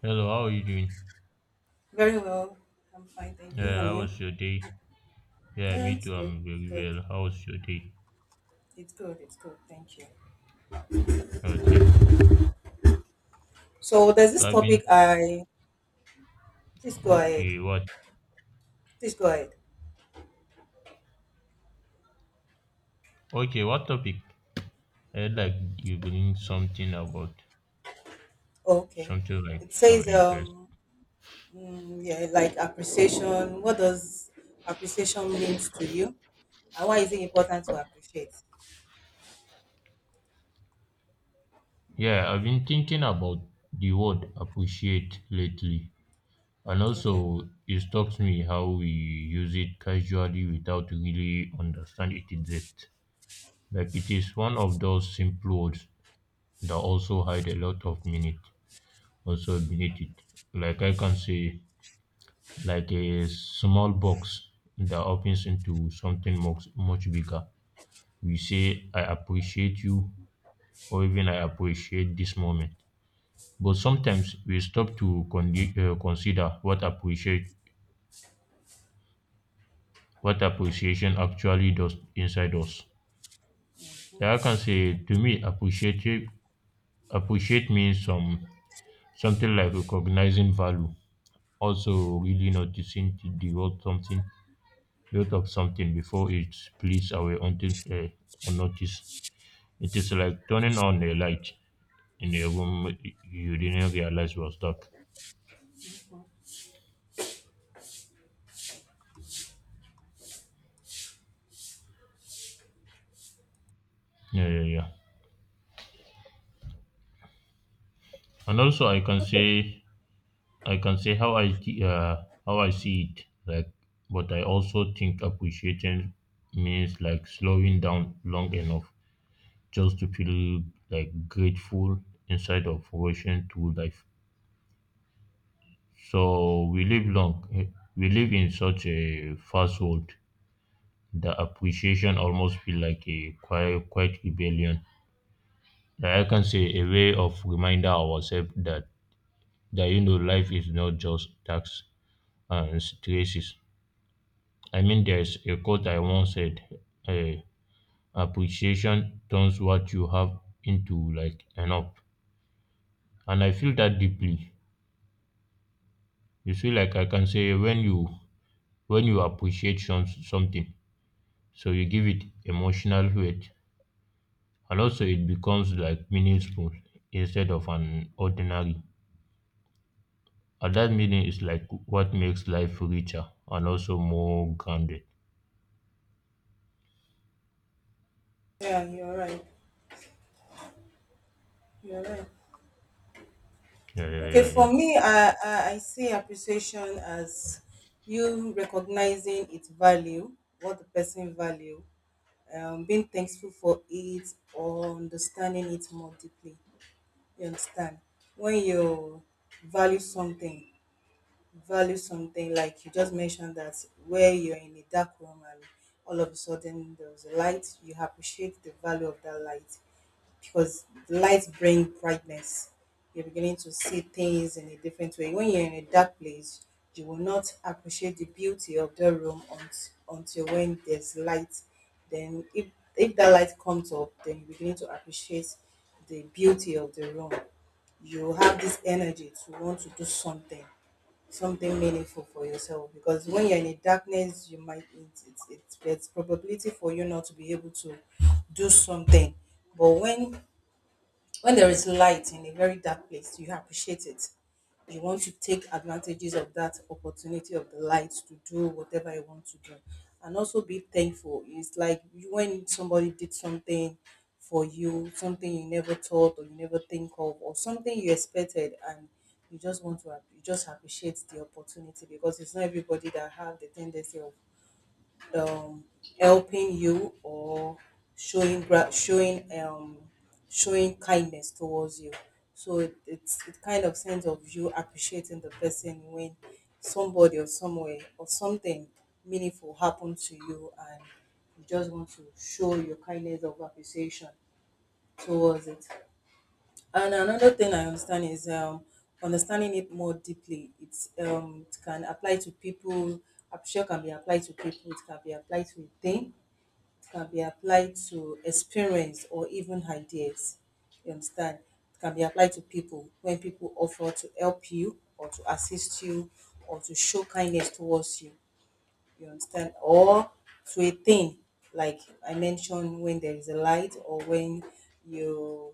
Hello, how are you doing? Very well. I'm fine, thank you. Yeah, And how you? was your day? Yeah, Yeah, me it's too. good. I'm It's very good. well. How was your day? It's good. Thank you. Oh, thank you. So there's So this I've been. topic I please go ahead. Okay, what? Please go ahead. Okay, what topic? I like you bring something about Okay. something like It so says interesting. Mm, yeah, like appreciation. What does appreciation means to you? And why is it important to appreciate? Yeah, I've been thinking about the word appreciate lately, and Okay. also it strikes me how we use it casually without really understand its depth. Like it is one of those simple words that also hide a lot of meaning also beneath it. Like I can say, like a small box that opens into something much, much bigger. We say, I appreciate you, or even I appreciate this moment. But sometimes we stop to consider what appreciation actually does inside us. Like I can say, to me, appreciate means something like recognizing value, also really noticing the worth something built up something before it bleeds away until unnoticed. It is like turning on a light in a room you didn't realize was dark. Yeah, yeah, yeah. And also, I can say how I see it. Like, but I also think appreciating means like slowing down long enough just to feel like grateful inside of rushing through life. So we live long. eh, We live in such a fast world the appreciation almost feel like a quiet, quiet rebellion. Like I can say a way of reminder ourselves that life is not just tax and stresses. I mean, there's a quote I once said: uh, "Appreciation turns what you have into like enough," and I feel that deeply. You see, like I can say when you appreciate something, so you give it emotional weight. And also, it becomes like meaningful instead of an ordinary. And that meaning is like what makes life richer and also more grounded. Yeah, you're right. You're right. Yeah, yeah, Okay, yeah, for yeah. me, I see appreciation as you recognizing its value, what the person value, being thankful for it or understanding it more deeply. You understand? When you value something, value something like you just mentioned that where you're in a dark room and all of a sudden there was a light, you appreciate the value of that light because light bring brightness. You're beginning to see things in a different way. When you're in a dark place, you will not appreciate the beauty of the room until when there's light. Then, if that light comes up, then you begin to appreciate the beauty of the room. You have this energy to want to do something, something meaningful for yourself. Because when you're in the darkness, you might it's there's probability for you not to be able to do something. But when there is light in a very dark place, you appreciate it. You want to take advantages of that opportunity of the light to do whatever you want to do. And also be thankful. It's like when somebody did something for you, something you never thought or you never think of, or something you expected and you just want to you just appreciate the opportunity because it's not everybody that have the tendency of um, helping you or showing showing kindness towards you. So it's it kind of sense of you appreciating the person when somebody or somewhere or something meaningful happened to you and you just want to show your kindness of appreciation towards it. And another thing I understand is understanding it more deeply. It's it can apply to people. Appreciation can be applied to people. It can be applied to a thing can be applied to experience or even ideas. You understand? It can be applied to people when people offer to help you or to assist you or to show kindness towards you. You understand? Or to a thing, like I mentioned, when there is a light or when you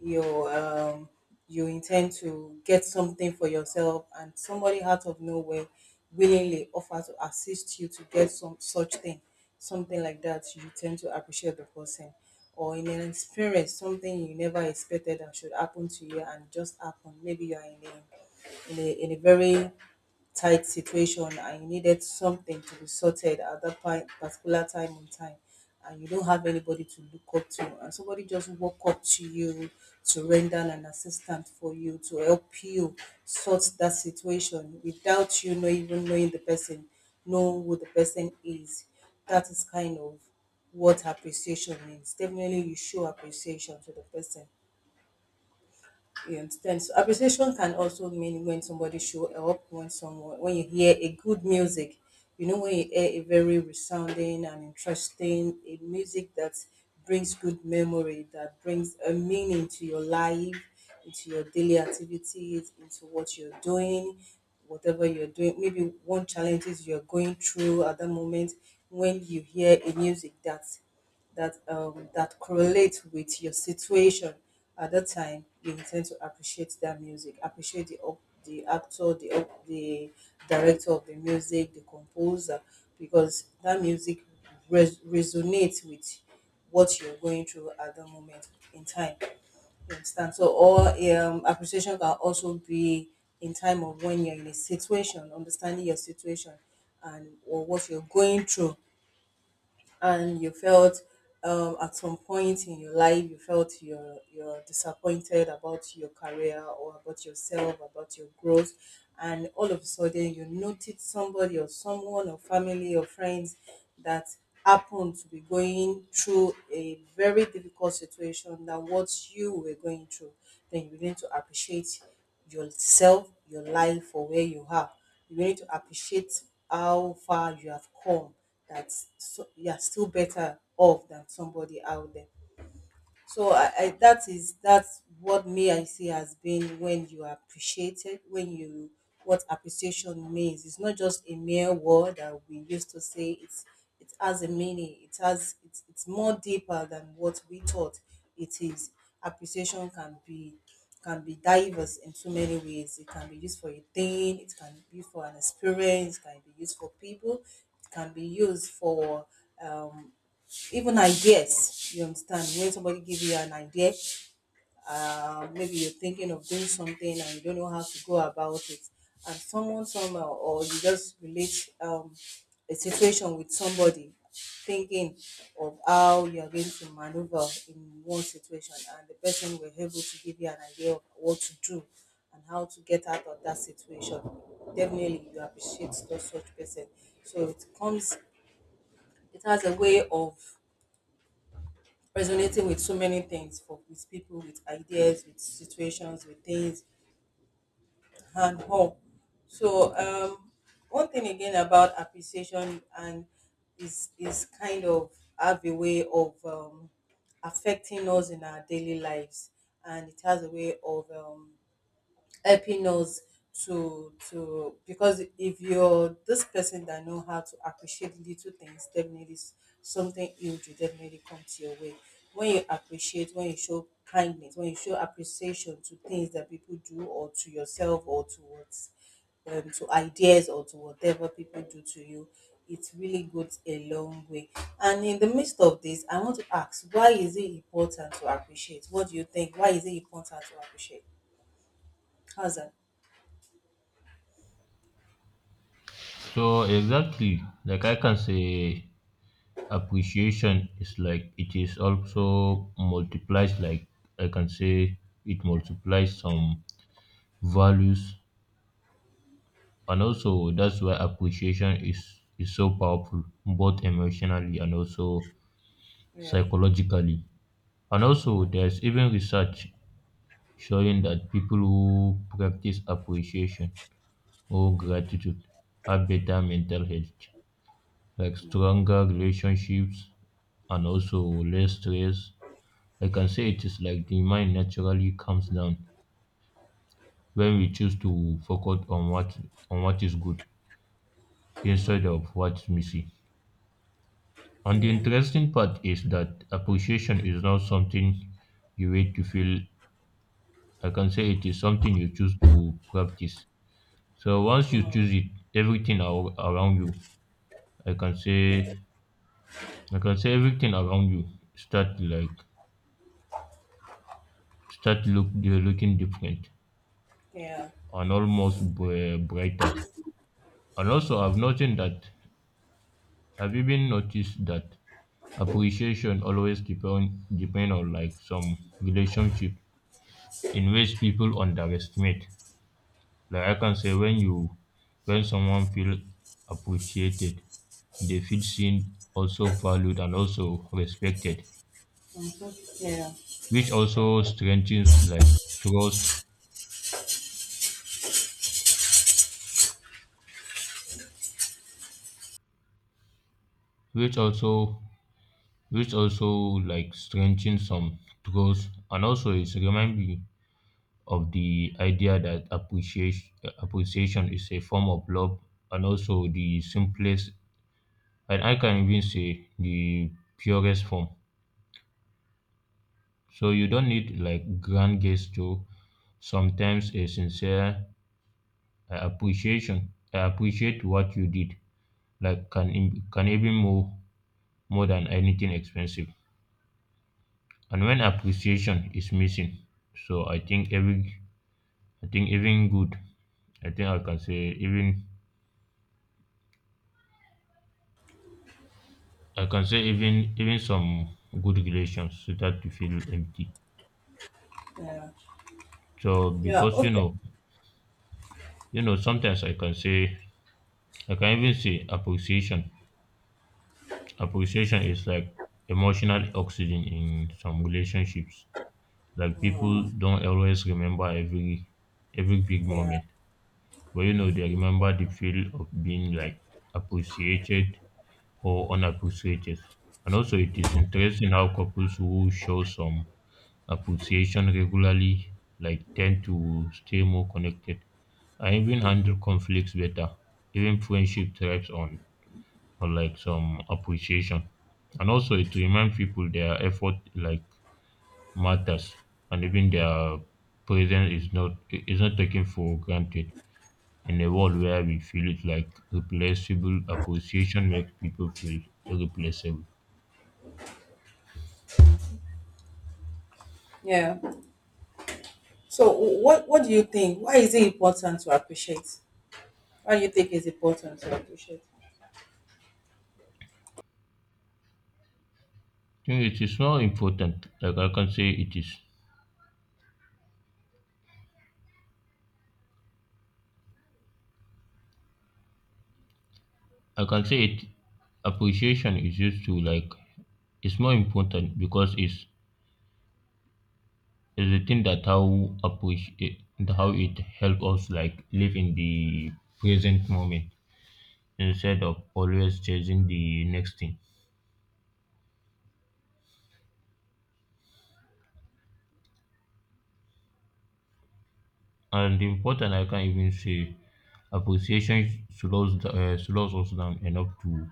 you you intend to get something for yourself and somebody out of nowhere willingly offer to assist you to get some such thing something like that you tend to appreciate the person, or in an experience, something you never expected that should happen to you and just happen, maybe you are in a in a very tight situation and you needed something to be sorted at that point, particular time in time, and you don't have anybody to look up to, and somebody just walk up to you to render an assistant for you to help you sort that situation without you know even knowing the person know who the person is. That is kind of what appreciation means. Definitely you show appreciation to the person, you understand. So appreciation can also mean when somebody show up, when someone when you hear a good music, you know when you hear a very resounding and interesting a music that brings good memory, that brings a meaning to your life, into your daily activities, into what you're doing, whatever you're doing, maybe one challenges you're going through at that moment, when you hear a music that that correlate with your situation at that time, you will tend to appreciate that music, appreciate the actor, the director of the music, the composer, because that music resonates with what you're going through at the moment in time. You understand? So, or appreciation can also be in time of when you're in a situation, understanding your situation and or what you're going through and you felt at some point in your life you felt you're disappointed about your career or about yourself about your growth, and all of a sudden you noticed somebody or someone or family or friends that happened to be going through a very difficult situation than what you were going through, then you begin to appreciate yourself, your life, for where you are. You need to appreciate how far you have come, that so, you are still better off than somebody out there. So I that is that's what me I see has been when you are appreciated, when you what appreciation means. It's not just a mere word that we used to say. It's it has a meaning. It has it's more deeper than what we thought it is. Appreciation can be diverse in so many ways. It can be used for a thing, it can be used for an experience, it can be used for people, it can be used for um even ideas, you understand, when somebody give you an idea, maybe you're thinking of doing something and you don't know how to go about it, and someone somehow or you just relate a situation with somebody, thinking of how you are going to maneuver in one situation and the person were able to give you an idea of what to do and how to get out of that situation, definitely you appreciate those such person. So it comes it has a way of resonating with so many things for with people, with ideas, with situations, with things and all. So one thing again about appreciation and is kind of have a way of affecting us in our daily lives, and it has a way of helping us to because if you're this person that know how to appreciate little things, definitely something huge will definitely come to your way. When you appreciate, when you show kindness, when you show appreciation to things that people do or to yourself or towards to ideas or to whatever people do to you, it really goes a long way. And in the midst of this, I want to ask, why is it important to appreciate? What do you think? Why is it important to appreciate? How's that? So exactly, like I can say, appreciation is like it is also multiplies. Like I can say, it multiplies some values, and also that's why appreciation is so powerful, both emotionally and also Yeah. psychologically. And also, there's even research showing that people who practice appreciation or gratitude have better mental health, like stronger relationships and also less stress. I can say it is like the mind naturally calms down when we choose to focus on what is good instead Mhm. of what's missing. And the Yeah. interesting part is that appreciation is not something you wait to feel. I can say it is something you choose to practice. So once you choose it, everything around you, I can say, I can say everything around you start like start look they're looking different Yeah. and almost brighter. And also, I've even noticed that appreciation always depend on like some relationship in which people underestimate. Like I can say when someone feel appreciated, they feel seen, also valued, and also respected, Mhm. Yeah. which also strengthens like trust, which also which also like strengthens some trust. And also it's remind me of the idea that appreciation is a form of love, and also the simplest, and I can even say the purest form. So you don't need like grand gesture. Sometimes a sincere appreciation, I appreciate what you did, like can can even more than anything expensive. And when appreciation is missing, so I think every, I think even good, I think I can say even I can say even even some good relations start to feel empty. Yeah. So Yeah. because Okay. Sometimes I can even say appreciation. Appreciation is like emotional oxygen in some relationships. Like people don't always remember every big Yeah. moment. But they remember the feel of being like appreciated or unappreciated. And also, it is interesting how couples who show some appreciation regularly like tend to stay more connected and even handle conflicts better. Even friendship thrives on or like some appreciation. And also, it reminds people their effort like matters, and even their presence is not taken for granted. In a world where we feel it like replaceable, appreciation makes people feel irreplaceable. Yeah. So what what do you think? Why is it important to appreciate? Why do you think it's important to appreciate? I think it is more important. Like I can say it is. I can say it, appreciation is used to like, it's more important because it's the thing that how appreciate, how it help us like live in the present moment instead of always chasing the next thing. And important I can even say appreciation slows slows us down enough to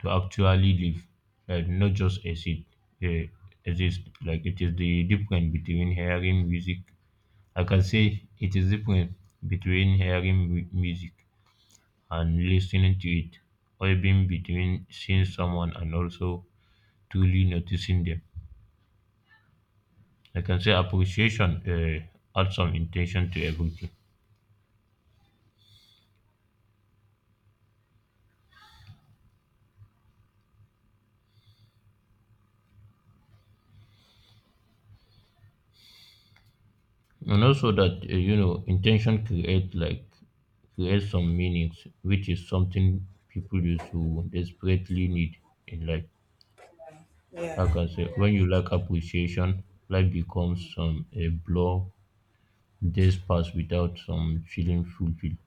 to actually live, like not just exist. Uh, Like it is the difference between hearing music. I can say it is different between hearing music and listening to it, or even between seeing someone and also truly noticing them. I can say appreciation adds some intention to everything. And also that intention create some meanings, which is something people used to desperately need in life. I Yeah. can say when you lack appreciation, life becomes some a blur, days pass without some feeling fulfilled.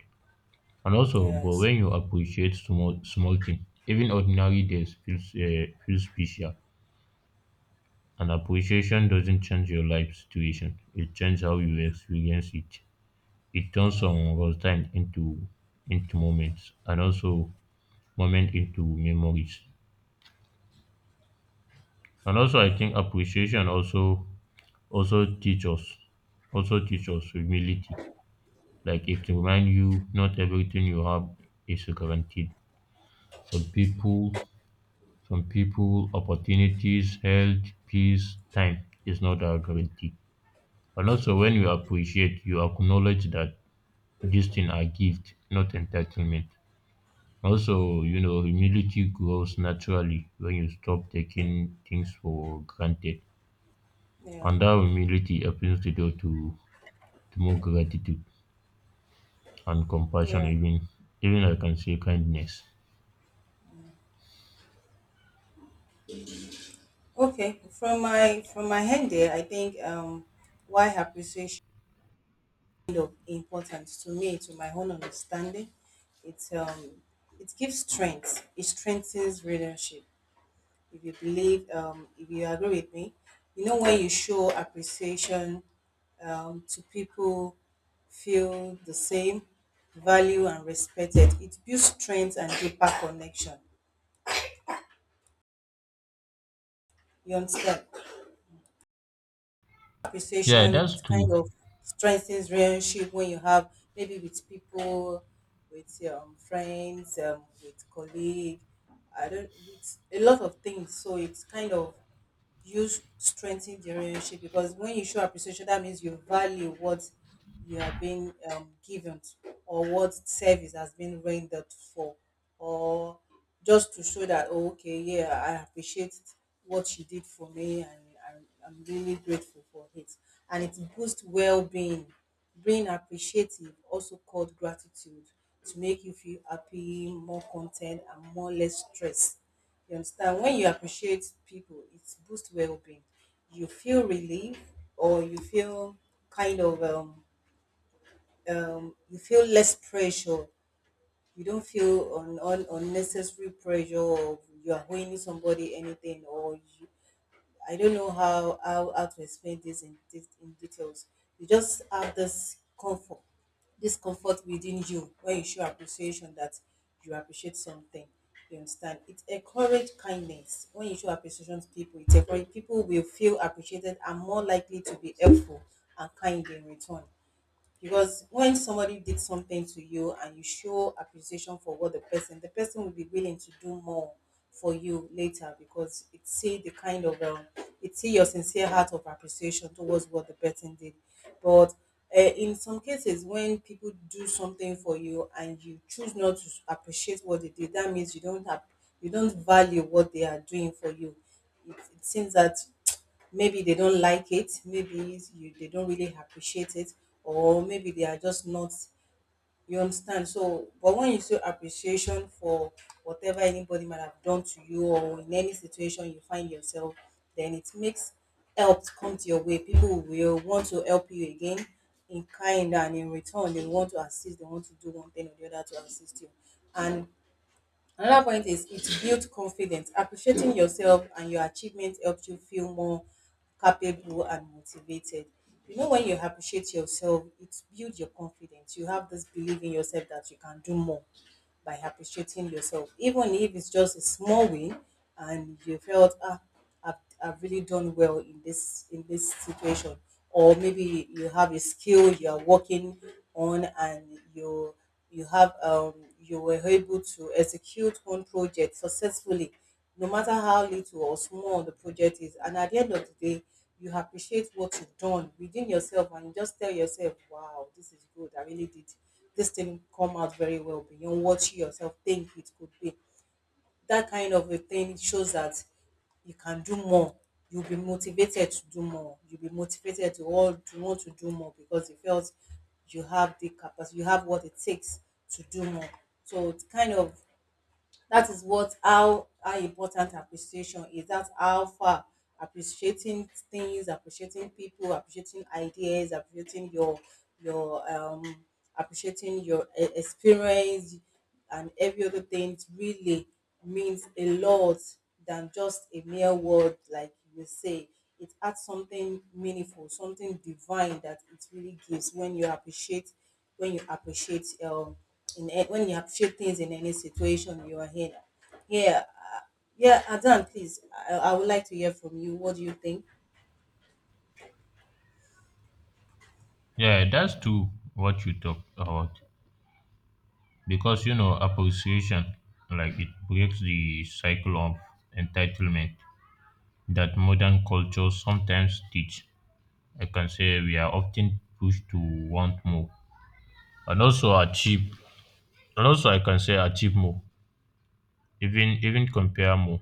And also, but Yes. when you appreciate small small things, even ordinary days feels special. And appreciation doesn't change your life situation, it changes how you experience it. It turns Yeah. some was time into moments, and also moment into memories. And also I Yeah. think appreciation also teach us humility. Like it remind you not everything you have is guaranteed. some people some people, opportunities, health, peace, time, is not a guarantee. And also when you appreciate, you acknowledge that this thing are gift, not entitlement. Also, humility grows naturally when you stop taking things for granted. Yeah. And that humility opens the door to more gratitude and compassion, Yeah. even I can say kindness. Okay. From my end there, I think why appreciation of importance to me, to my own understanding, it's it gives strength. It strengthens relationship if you believe, if you agree with me. You know, when you show appreciation to people, feel the same, value and respected, it builds strength and deeper connection. You understand? Yeah, Appreciation, it that's kind true. of strengthens relationship when you have maybe with people, with friends, with colleague, I don't, with a lot of things. So it's kind of you strengthen the relationship because when you show appreciation, that means you value what you are being given or what service has been rendered for, or just to show that, "Oh, okay, yeah, I appreciate what she did for me, and I'm really grateful for it." And it boosts well being. Being appreciative, also called gratitude, to make you feel happy, more content, and more less stressed, you understand? When you appreciate people, it boosts well-being. You feel relief, or you feel kind of you feel less pressure. You don't feel unnecessary pressure, or you are owing somebody anything, or I don't know how to explain this in in details. You just have this comfort within you when you show appreciation that you appreciate something. You understand? It encourages kindness. When you show appreciation to people, it encourages people will feel appreciated and more likely to be helpful and kind in return, because when somebody did something to you and you show appreciation for what the person, the person will be willing to do more for you later because it see the kind of it see your sincere heart of appreciation towards what the person did. But in some cases when people do something for you and you choose not to appreciate what they did, that means you don't have you don't value what they are doing for you. It seems that maybe they don't like it, they don't really appreciate it, or maybe they are just not, you understand. So but when you show appreciation for whatever anybody might have done to you or in any situation you find yourself, then it makes help come to your way. People will want to help you again in kind, and in return they want to assist, they want to do one thing or the other to assist you. And another point is it builds confidence. Appreciating yourself and your achievements helps you feel more capable and motivated. You know, when you appreciate yourself, it builds your confidence. You have this belief in yourself that you can do more by appreciating yourself, even if it's just a small win, and you felt ah, I've, I've really done well in this situation, or maybe you have a skill you are working on, and you have you were able to execute one project successfully, no matter how little or small the project is, and at the end of the day, you appreciate what you've done within yourself and you just tell yourself, wow, this is good. I really did this thing come out very well beyond what you yourself think it could be. That kind of a thing shows that you can do more. You'll be motivated to do more. You'll be motivated to all to want to do more because you felt you have the capacity, you have what it takes to do more. So it's kind of that is what how important appreciation is, that's how far appreciating things, appreciating people, appreciating ideas, appreciating your appreciating your experience and every other thing really means a lot than just a mere word like you say. It adds something meaningful, something divine that it really gives when you appreciate, when you appreciate when you appreciate things in any situation you are in. Yeah, uh, yeah, Adan, please, I would like to hear from you. What do you think? Yeah, that's true what you talk about. Because appreciation, like it breaks the cycle of entitlement that modern cultures sometimes teach. I can say we are often pushed to want more and also achieve I can say achieve more, even compare more.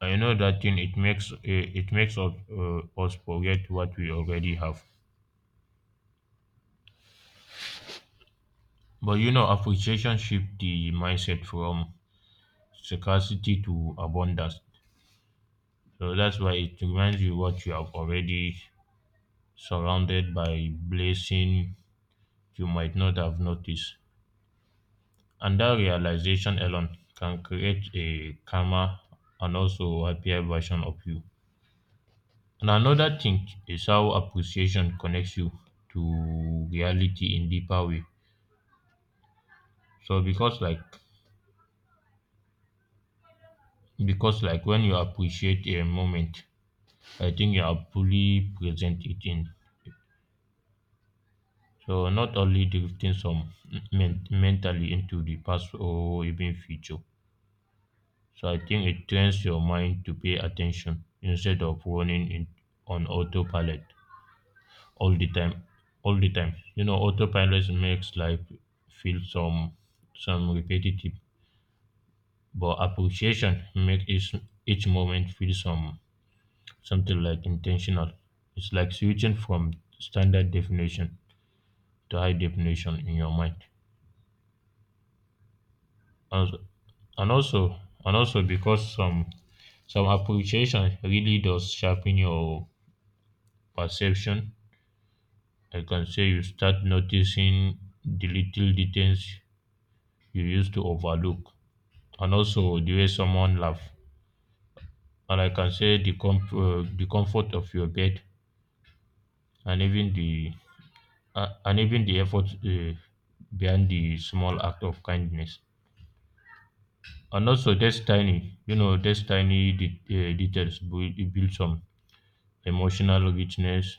I know that thing, it makes us forget what we already have. But appreciation shift the mindset from scarcity to abundance. So that's why it reminds you what you have already, surrounded by blessing you might not have noticed. And that realization alone can create a calmer and also happier version of you. And another thing is how appreciation connects you to reality in deeper way. So because like when you appreciate a moment, I think you are fully present it in. So not only drifting mentally into the past or even future. So I think it trains your mind to pay attention instead of running in on autopilot. all the time all the time, autopilot makes life feel some repetitive. But appreciation makes each moment feel something like intentional. It's like switching from standard definition to high definition in your mind also, and also and also because some appreciation really does sharpen your perception. I can say you start noticing the little details you used to overlook, and also the way someone laugh. And I can say the comfort of your bed, and even the and even the effort behind the small act of kindness. And also, that's tiny details build some emotional richness.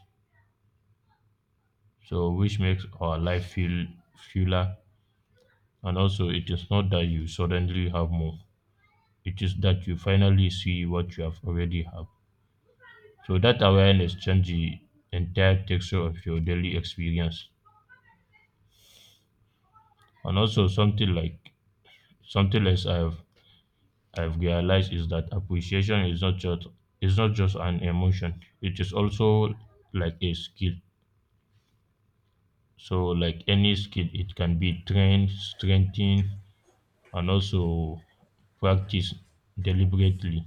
So, which makes our life feel fuller. And also, it is not that you suddenly have more; it is that you finally see what you have already have. So that awareness changes the entire texture of your daily experience. And also something else I've realized is that appreciation is not just an emotion. It is also like a skill. So like any skill, it can be trained, strengthened, and also practiced deliberately.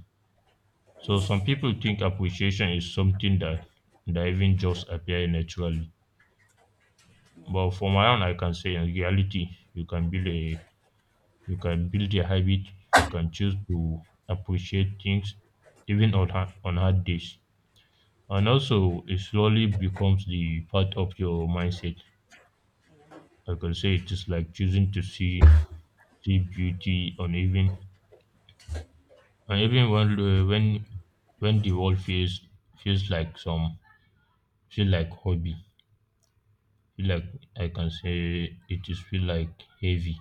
So some people think appreciation is something that even just appear naturally. But for my own, I can say in reality, you can build a habit. You can choose to appreciate things even on hard days, and also it slowly becomes the part of your mindset. Like I can say it is like choosing to see beauty on even and even when the world feels like some, feel like hobby feel like I can say it is feel like heavy.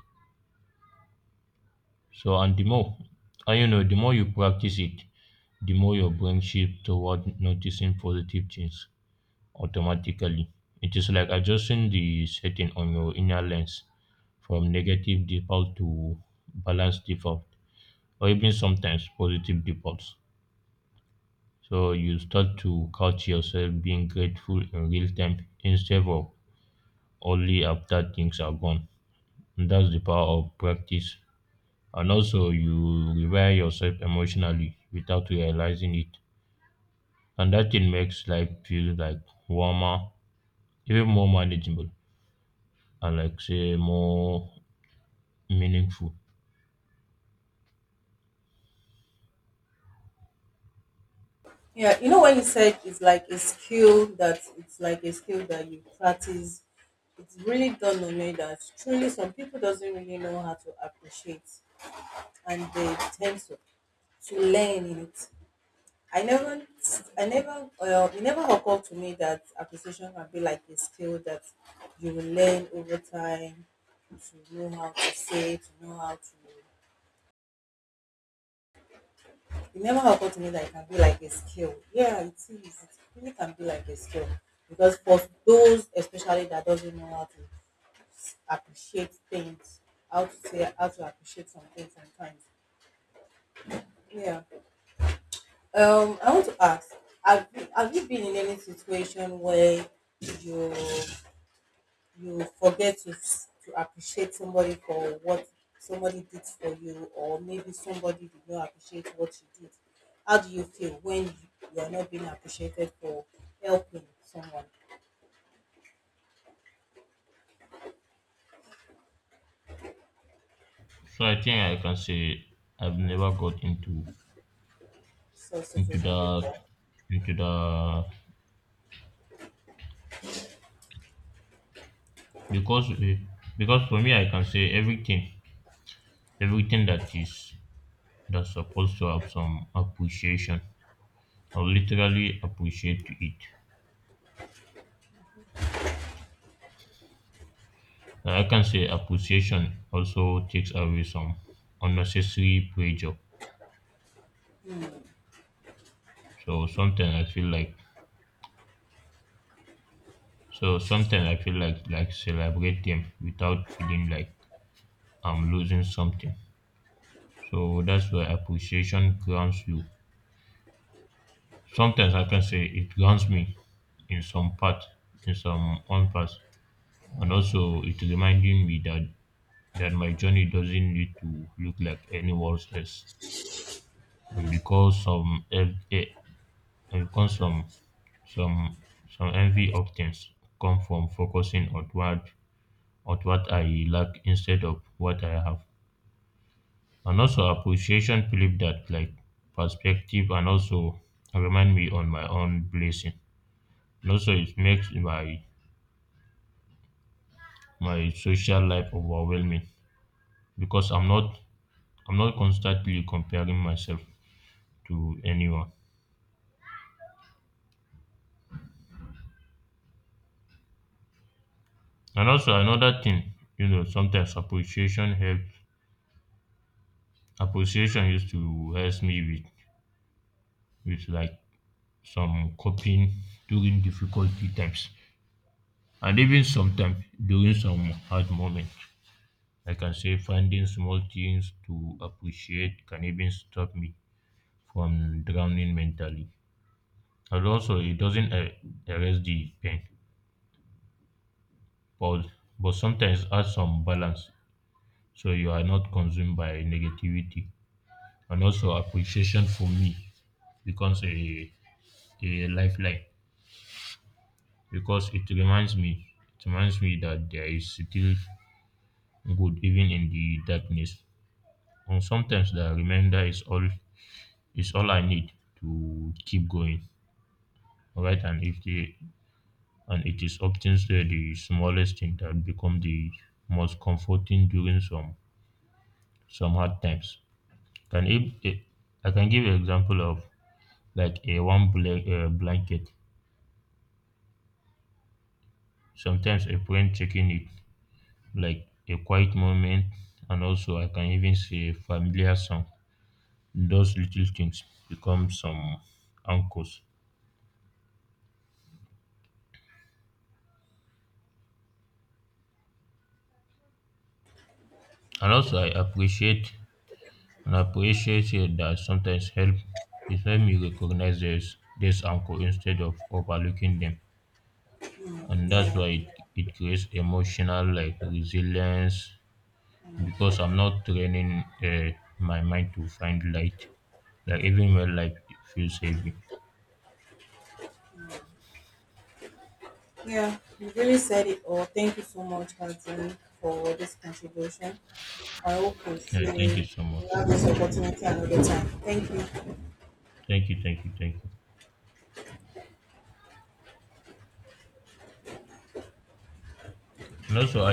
So, and the more, and you know, the more you practice it, the more your brain shifts toward noticing positive things automatically. It is like adjusting the setting on your inner lens from negative default to balanced default, or even sometimes positive defaults. So you start to catch yourself being grateful in real time instead of only after things are gone. And that's the power of practice, and also you rewire yourself emotionally without realizing it. And that thing makes life feel like warmer, even more manageable, and like say more meaningful. Yeah, you know when you said it's like a skill, that it's like a skill that you practice, it's really done on me that truly some people doesn't really know how to appreciate, and they tend to learn in it. I never, I never, it never occurred to me that appreciation can be like a skill that you will learn over time to know how to say, to know how to. It never occurred to me that it can be like a skill. Yeah, it is. It really can be like a skill because for those especially that doesn't know how to appreciate things, how to say, how to appreciate something sometimes. Yeah. I want to ask, have you been in any situation where you you forget to appreciate somebody for what somebody did for you, or maybe somebody did not appreciate what you did. How do you feel when you are not being appreciated for helping someone, So I think I can say I've never got so into situation like that? The because eh, because for me I can say everything that's supposed to have some appreciation. I will literally appreciate it. I can say appreciation also takes away some unnecessary pressure. So sometimes I feel like so sometimes I feel like celebrate them without feeling like I'm losing something. So that's why appreciation grounds you. Sometimes I can say it grounds me in some part, in some own part. And also it reminding me that my journey doesn't need to look like anyone else. And because some ev- eh, and because Some some envy often come from focusing on what I lack instead of what I have. And also appreciation flip that like perspective, and also remind me on my own blessing. And also it makes my social life overwhelming because I'm not constantly comparing myself to anyone. And also another thing, sometimes appreciation used to help me with like some coping during difficulty times, and even sometimes during some hard moments. I can say finding small things to appreciate can even stop me from drowning mentally. And also, it doesn't erase the pain, but, but sometimes adds some balance, so you are not consumed by negativity. And also, appreciation for me becomes a lifeline because it reminds me that there is still good even in the darkness. And sometimes the reminder is all I need to keep going. Alright, and if the and it is often say the smallest thing that become the most comforting during some hard times. Can if eh, I can give an example of like a warm blanket. Sometimes a friend checking it, like a quiet moment, and also I can even say familiar song. Those little things become some anchors. And also, I appreciate it that sometimes help me recognize this anchor instead of overlooking them, and that's Yeah. why it creates emotional like resilience, because I'm not training my mind to find light, like even when life feels heavy. Mm. Yeah, you really said it all. Thank you so much, Hadi, for this contribution. I hope we Yeah, thank see you so we much. have this opportunity another time. Thank you. Thank you, thank you, thank you. And also, I